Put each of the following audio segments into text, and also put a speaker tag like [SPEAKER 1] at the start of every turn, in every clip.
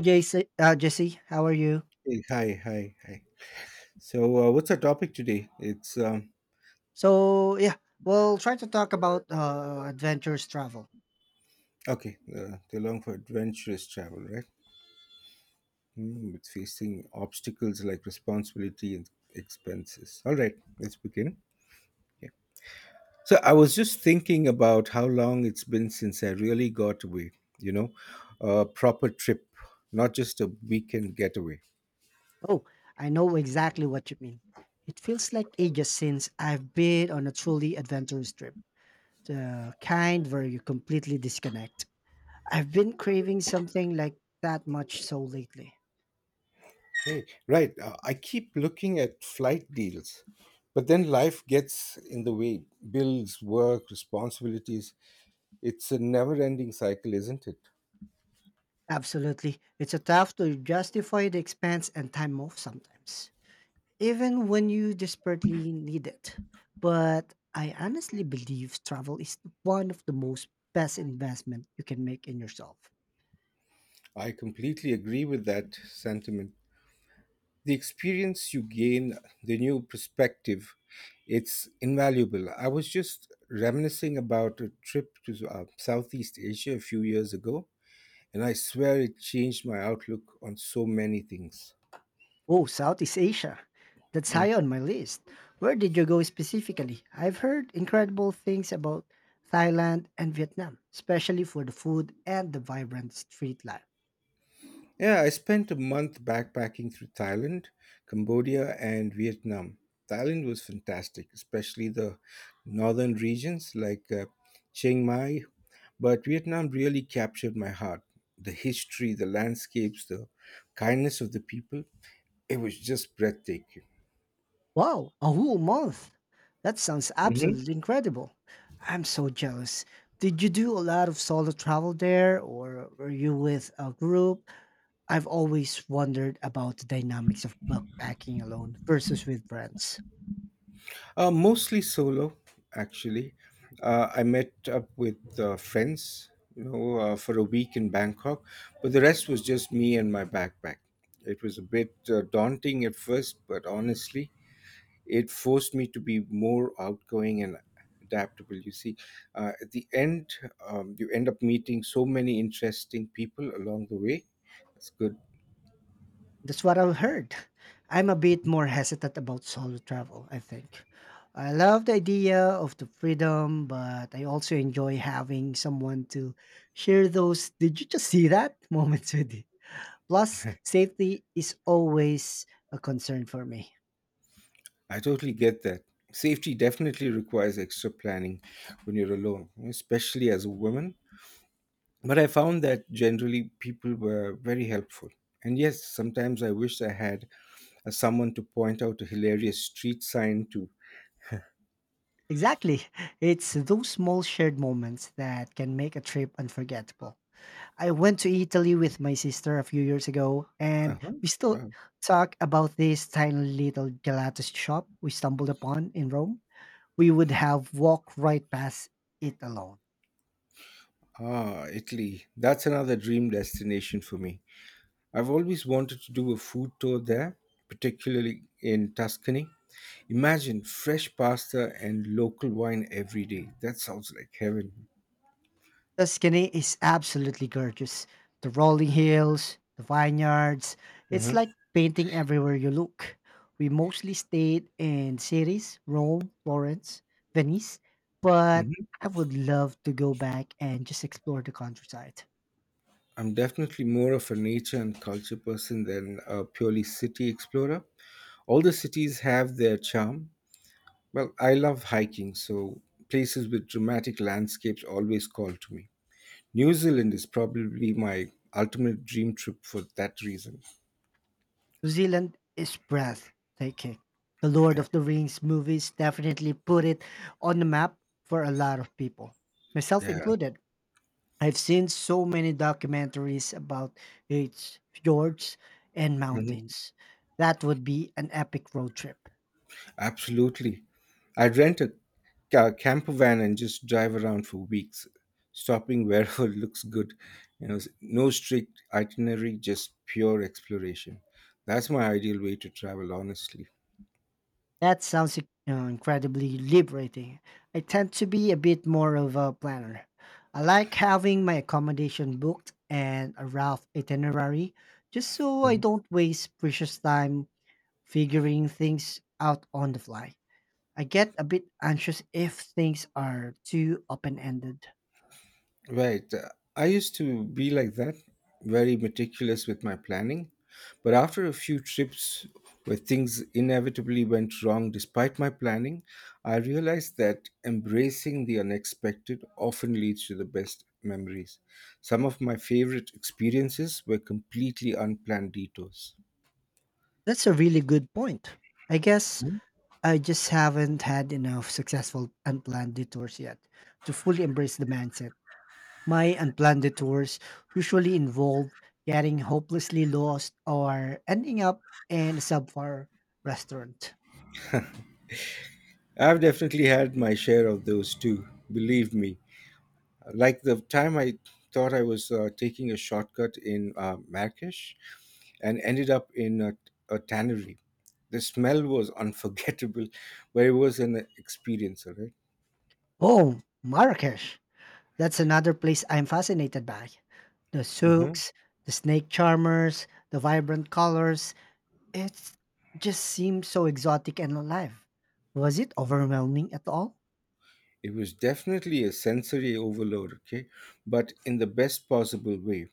[SPEAKER 1] JC, Jesse, how are you?
[SPEAKER 2] Hey, hi, hi, hi. So, what's our topic today? It's
[SPEAKER 1] So yeah, we'll try to talk about adventurous travel.
[SPEAKER 2] okay. The long for adventurous travel, right? Mm, it's facing obstacles like responsibility and expenses. All right, let's begin. Yeah. So, I was just thinking about how long it's been since I really got away. You know, a proper trip, not just a weekend getaway.
[SPEAKER 1] Oh, I know exactly what you mean. It feels like ages since I've been on a truly adventurous trip, the kind where you completely disconnect. I've been craving something like that much so lately.
[SPEAKER 2] Hey, right. I keep looking at flight deals, but then life gets in the way. Bills, work, responsibilities. It's a never ending cycle, isn't it?
[SPEAKER 1] Absolutely, it's a tough to justify the expense and time off sometimes, even when you desperately need it. But I honestly believe travel is one of the most best investment you can make in yourself.
[SPEAKER 2] I completely agree with that sentiment. The experience you gain, the new perspective, it's invaluable. I was just reminiscing about a trip to Southeast Asia a few years ago, and I swear it changed my outlook on so many things.
[SPEAKER 1] Oh, Southeast Asia. That's high on my list. Where did you go specifically? I've heard incredible things about Thailand and Vietnam, especially for the food and the vibrant street life.
[SPEAKER 2] Yeah, I spent a month backpacking through Thailand, Cambodia, and Vietnam. Thailand was fantastic, especially the northern regions like Chiang Mai. But Vietnam really captured my heart. The history, the landscapes, the kindness of the people, it was just breathtaking.
[SPEAKER 1] Wow, a whole month. That sounds
[SPEAKER 2] Mhm.
[SPEAKER 1] absolutely incredible. I'm so jealous. Did you do a lot of solo travel there or were you with a group? I've always wondered about the dynamics of backpacking alone versus with friends.
[SPEAKER 2] Mostly solo, actually. I met up with friends, for a week in Bangkok, but the rest was just me and my backpack. It was a bit daunting at first, but honestly, it forced me to be more outgoing and adaptable. You see, at the end, you end up meeting so many interesting people along the way. That's good.
[SPEAKER 1] That's what I've heard. I'm a bit more hesitant about solo travel, I think. I love the idea of the freedom, but I also enjoy having someone to share those. Did you just see that moments with plus, safety is always a concern for me.
[SPEAKER 2] I totally get that. Safety definitely requires extra planning when you're alone, especially as a woman. But I found that generally people were very helpful. And yes, sometimes I wish I had someone to point out a hilarious street sign to.
[SPEAKER 1] Exactly. It's those small shared moments that can make a trip unforgettable. I went to Italy with my sister a few years ago, and
[SPEAKER 2] Uh-huh.
[SPEAKER 1] we still
[SPEAKER 2] Wow.
[SPEAKER 1] talk about this tiny little gelato shop we stumbled upon in Rome. We would have walked right past it alone.
[SPEAKER 2] Ah, Italy. That's another dream destination for me. I've always wanted to do a food tour there, particularly in Tuscany. Imagine fresh pasta and local wine every day. That sounds like heaven.
[SPEAKER 1] The skinny is absolutely gorgeous. The rolling hills, the vineyards, it's
[SPEAKER 2] Uh-huh.
[SPEAKER 1] like painting everywhere you look. We mostly stayed in cities, Rome, Florence, Venice, but
[SPEAKER 2] Hmm.
[SPEAKER 1] I would love to go back and just explore the countryside.
[SPEAKER 2] I'm definitely more of a nature and culture person than a purely city explorer. All the cities have their charm. Well, I love hiking, so places with dramatic landscapes always call to me. New Zealand is probably my ultimate dream trip for that reason.
[SPEAKER 1] New Zealand is breathtaking. The Lord
[SPEAKER 2] Yeah,
[SPEAKER 1] of the Rings movies definitely put it on the map for a lot of people, myself
[SPEAKER 2] yeah.
[SPEAKER 1] included. I've seen so many documentaries about its fjords and
[SPEAKER 2] hmm
[SPEAKER 1] mountains. That would be an epic road trip.
[SPEAKER 2] Absolutely. I'd rent a camper van and just drive around for weeks, stopping wherever looks good. You know, no strict itinerary, just pure exploration. That's my ideal way to travel, honestly.
[SPEAKER 1] That sounds incredibly liberating. I tend to be a bit more of a planner. I like having my accommodation booked and a rough itinerary just so I don't waste precious time figuring things out on the fly. I get a bit anxious if things are too open ended.
[SPEAKER 2] Right. I used to be like that, very meticulous with my planning. But after a few trips where things inevitably went wrong despite my planning, I realized that embracing the unexpected often leads to the best memories. Some of my favorite experiences were completely unplanned detours.
[SPEAKER 1] That's a really good point. I guess I just haven't had enough successful unplanned detours yet to fully embrace the mindset. My unplanned detours usually involve getting hopelessly lost or ending up in a subpar restaurant.
[SPEAKER 2] I've definitely had my share of those too, believe me. Like the time I thought I was taking a shortcut in Marrakesh and ended up in a tannery. The smell was unforgettable, but it was an experience, all right?
[SPEAKER 1] Oh, Marrakesh. That's another place I'm fascinated by. The
[SPEAKER 2] hmm
[SPEAKER 1] souks, the snake charmers, the vibrant colors. It just seems so exotic and alive. Was it overwhelming at all?
[SPEAKER 2] It was definitely a sensory overload, okay, but in the best possible way.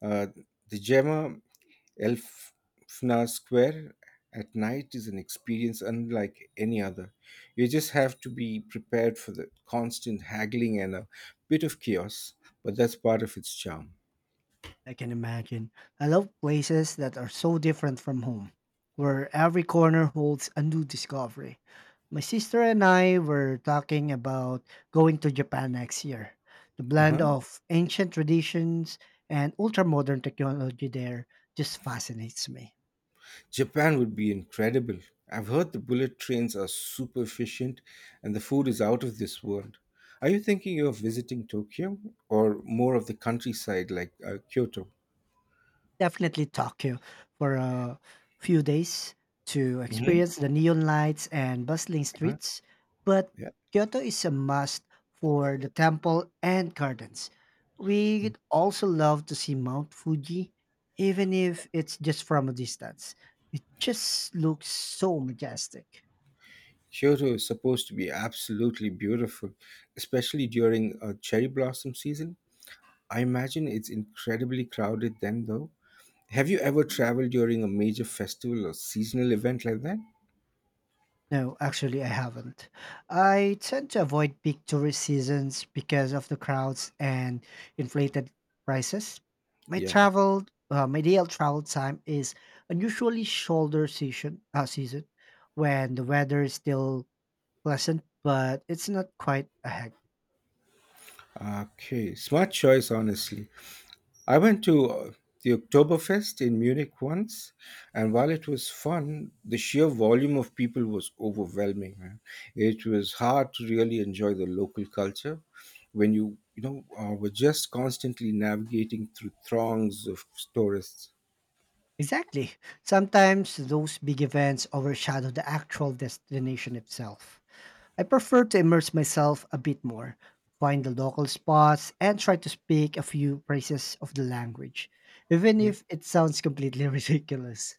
[SPEAKER 2] Uh, the Gemma Elfnar Square at night is an experience unlike any other. You just have to be prepared for the constant haggling and a bit of chaos, but that's part of its charm.
[SPEAKER 1] I can imagine. I love places that are so different from home, where every corner holds a new discovery. My sister and I were talking about going to Japan next year. The blend
[SPEAKER 2] Uh-huh.
[SPEAKER 1] of ancient traditions and ultra modern technology there just fascinates me.
[SPEAKER 2] Japan would be incredible. I've heard the bullet trains are super efficient and the food is out of this world. Are you thinking of visiting Tokyo or more of the countryside like Kyoto?
[SPEAKER 1] Definitely Tokyo for a few days to
[SPEAKER 2] Hmm.
[SPEAKER 1] experience the neon lights and bustling
[SPEAKER 2] Uh-huh.
[SPEAKER 1] streets, but
[SPEAKER 2] Yeah.
[SPEAKER 1] Kyoto is a must for the temple and gardens. We'd also love to see Mount Fuji, even if it's just from a distance. It just looks so majestic.
[SPEAKER 2] Kyoto is supposed to be absolutely beautiful, especially during cherry blossom season. I imagine it's incredibly crowded then, though. Have you ever traveled during a major festival or seasonal event like that?
[SPEAKER 1] No, actually, I haven't. I tend to avoid peak tourist seasons because of the crowds and inflated prices. My
[SPEAKER 2] Yeah.
[SPEAKER 1] travel, my ideal travel time is unusually shoulder season, season when the weather is still pleasant, but it's not quite a hectic.
[SPEAKER 2] Okay. Smart choice, honestly. I went to the Oktoberfest in Munich once, and while it was fun, the sheer volume of people was overwhelming. Man. It was hard to really enjoy the local culture when you know were just constantly navigating through throngs of tourists.
[SPEAKER 1] Exactly. Sometimes those big events overshadow the actual destination itself. I prefer to immerse myself a bit more, find the local spots, and try to speak a few phrases of the language, even if it sounds completely ridiculous.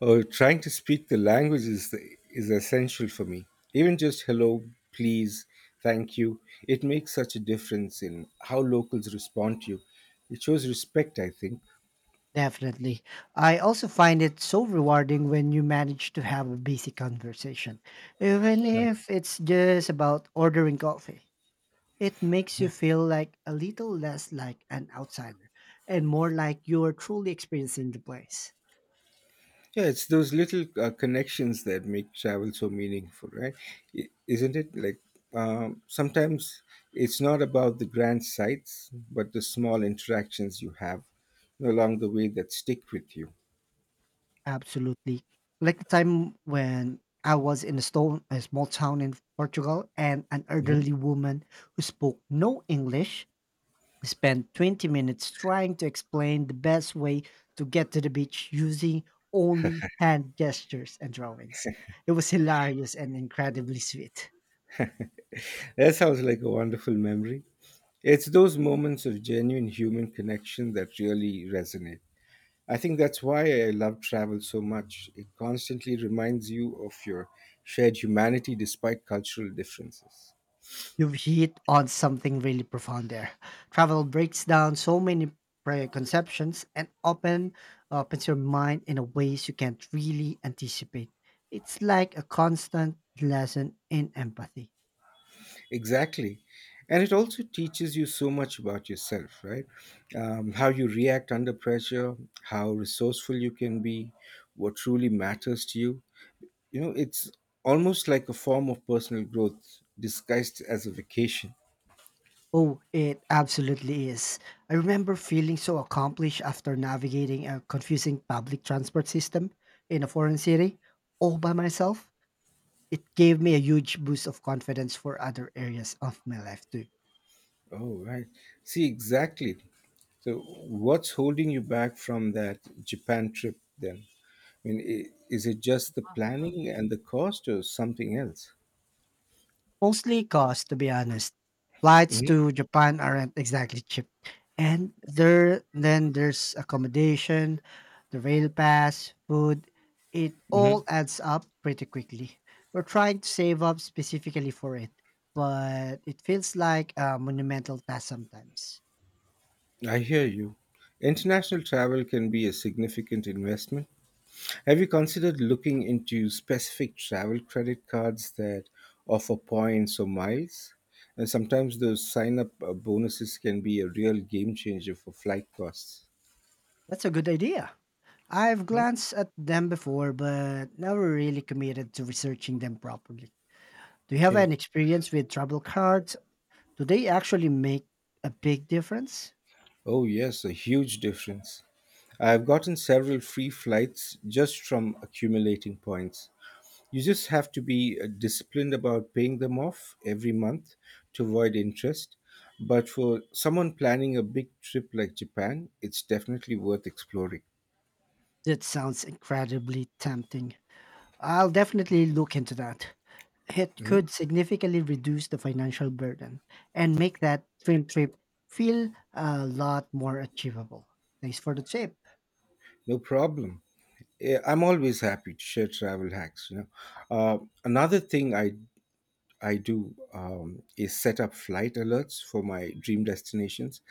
[SPEAKER 2] Trying to speak the language is essential for me. Even just hello, please, thank you, it makes such a difference in how locals respond to you. It shows respect, I think.
[SPEAKER 1] Definitely. I also find it so rewarding when you manage to have a basic conversation, even if it's just about ordering coffee. It makes you feel like a little less like an outsider and more like you're truly experiencing the place.
[SPEAKER 2] Yeah, it's those little connections that make travel so meaningful, right? Isn't it? Like sometimes it's not about the grand sights, but the small interactions you have along the way that stick with you.
[SPEAKER 1] Absolutely. Like the time when I was in a small town in Portugal and an
[SPEAKER 2] Mhm.
[SPEAKER 1] elderly woman who spoke no English spent 20 minutes trying to explain the best way to get to the beach using only hand gestures and drawings. It was hilarious and incredibly sweet.
[SPEAKER 2] That sounds like a wonderful memory. It's those moments of genuine human connection that really resonate. I think that's why I love travel so much. It constantly reminds you of your shared humanity despite cultural differences.
[SPEAKER 1] You've hit on something really profound there. Travel breaks down so many preconceptions and opens your mind in a ways you can't really anticipate. It's like a constant lesson in empathy.
[SPEAKER 2] Exactly. And it also teaches you so much about yourself, right? How you react under pressure, how resourceful you can be, what truly matters to you. You know, it's almost like a form of personal growth disguised as a vacation.
[SPEAKER 1] Oh, it absolutely is. I remember feeling so accomplished after navigating a confusing public transport system in a foreign city all by myself. It gave me a huge boost of confidence for other areas of my life too.
[SPEAKER 2] Oh, right. See, exactly. So, what's holding you back from that Japan trip then? I mean, is it just the planning and the cost or something else?
[SPEAKER 1] Mostly cost, to be honest. Flights
[SPEAKER 2] hmm
[SPEAKER 1] to Japan aren't exactly cheap. And there then there's accommodation, the rail pass, food. It
[SPEAKER 2] hmm
[SPEAKER 1] all adds up pretty quickly. We're trying to save up specifically for it, but it feels like a monumental task sometimes.
[SPEAKER 2] I hear you. International travel can be a significant investment. Have you considered looking into specific travel credit cards that offer points or miles? And sometimes those sign up bonuses can be a real game changer for flight costs.
[SPEAKER 1] That's a good idea. I've
[SPEAKER 2] Hmm?
[SPEAKER 1] glanced at them before, but never really committed to researching them properly. Do you have
[SPEAKER 2] Okay.
[SPEAKER 1] any experience with travel cards, do they actually make a big difference?
[SPEAKER 2] Oh, yes, a huge difference. I've gotten several free flights just from accumulating points. You just have to be disciplined about paying them off every month to avoid interest. But for someone planning a big trip like Japan, it's definitely worth exploring.
[SPEAKER 1] That sounds incredibly tempting. I'll definitely look into that. It
[SPEAKER 2] Mhm.
[SPEAKER 1] could significantly reduce the financial burden and make that film trip feel a lot more achievable. Thanks for the tip.
[SPEAKER 2] No problem. Eh, I'm always happy to share travel hacks. Uh, Another thing I do is set up flight alerts for my dream destinations.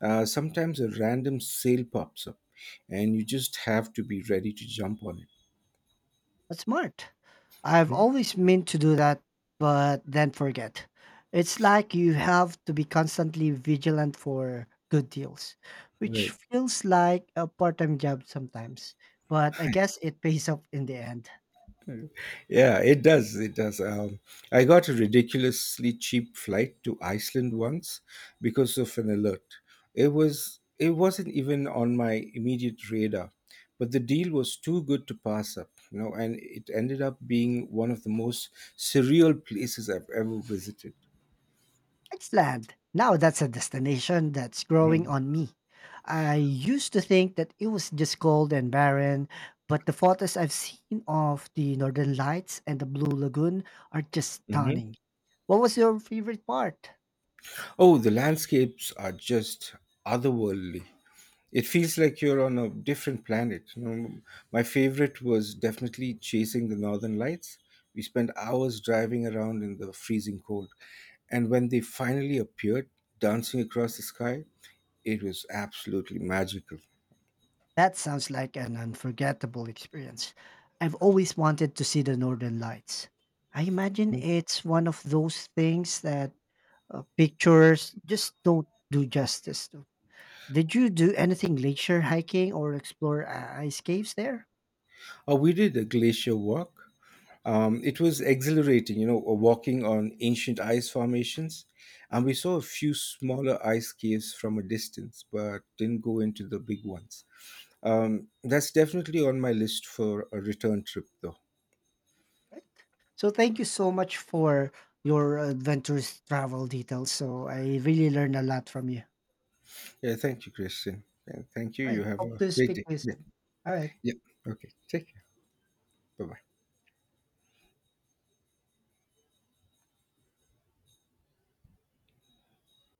[SPEAKER 2] Sometimes a random sale pops up, and you just have to be ready to jump on it.
[SPEAKER 1] That's smart. I've
[SPEAKER 2] Mhm.
[SPEAKER 1] always meant to do that, but then forget. It's like you have to be constantly vigilant for good deals, which
[SPEAKER 2] Right.
[SPEAKER 1] feels like a part time job sometimes. But I guess it pays off in the end.
[SPEAKER 2] Yeah, it does. It does. I got a ridiculously cheap flight to Iceland once because of an alert. It wasn't even on my immediate radar, but the deal was too good to pass up, you know, and it ended up being one of the most surreal places I've ever visited.
[SPEAKER 1] Iceland. Now that's a destination that's growing
[SPEAKER 2] Mhm.
[SPEAKER 1] on me. I used to think that it was just cold and barren, but the photos I've seen of the Northern Lights and the Blue Lagoon are just
[SPEAKER 2] Mhm.
[SPEAKER 1] stunning. What was your favorite part?
[SPEAKER 2] Oh, the landscapes are just otherworldly. It feels like you're on a different planet. You know, my favorite was definitely chasing the northern lights. We spent hours driving around in the freezing cold, and when they finally appeared, dancing across the sky, it was absolutely magical.
[SPEAKER 1] That sounds like an unforgettable experience. I've always wanted to see the Northern Lights. I imagine
[SPEAKER 2] Mhm.
[SPEAKER 1] it's one of those things that pictures just don't do justice to. Did you do anything glacier hiking or explore ice caves there?
[SPEAKER 2] We did a glacier walk. It was exhilarating, walking on ancient ice formations. And we saw a few smaller ice caves from a distance, but didn't go into the big ones. That's definitely on my list for a return trip, though.
[SPEAKER 1] Right. So thank you so much for your adventurous travel details. So I really learned a lot from you.
[SPEAKER 2] Yeah, thank you, Christian. And thank you.
[SPEAKER 1] All
[SPEAKER 2] You
[SPEAKER 1] right.
[SPEAKER 2] have
[SPEAKER 1] Hope
[SPEAKER 2] a
[SPEAKER 1] to
[SPEAKER 2] great
[SPEAKER 1] speak
[SPEAKER 2] day.
[SPEAKER 1] to you
[SPEAKER 2] Yeah.
[SPEAKER 1] soon. All right.
[SPEAKER 2] Yeah. Okay. Take care. Bye.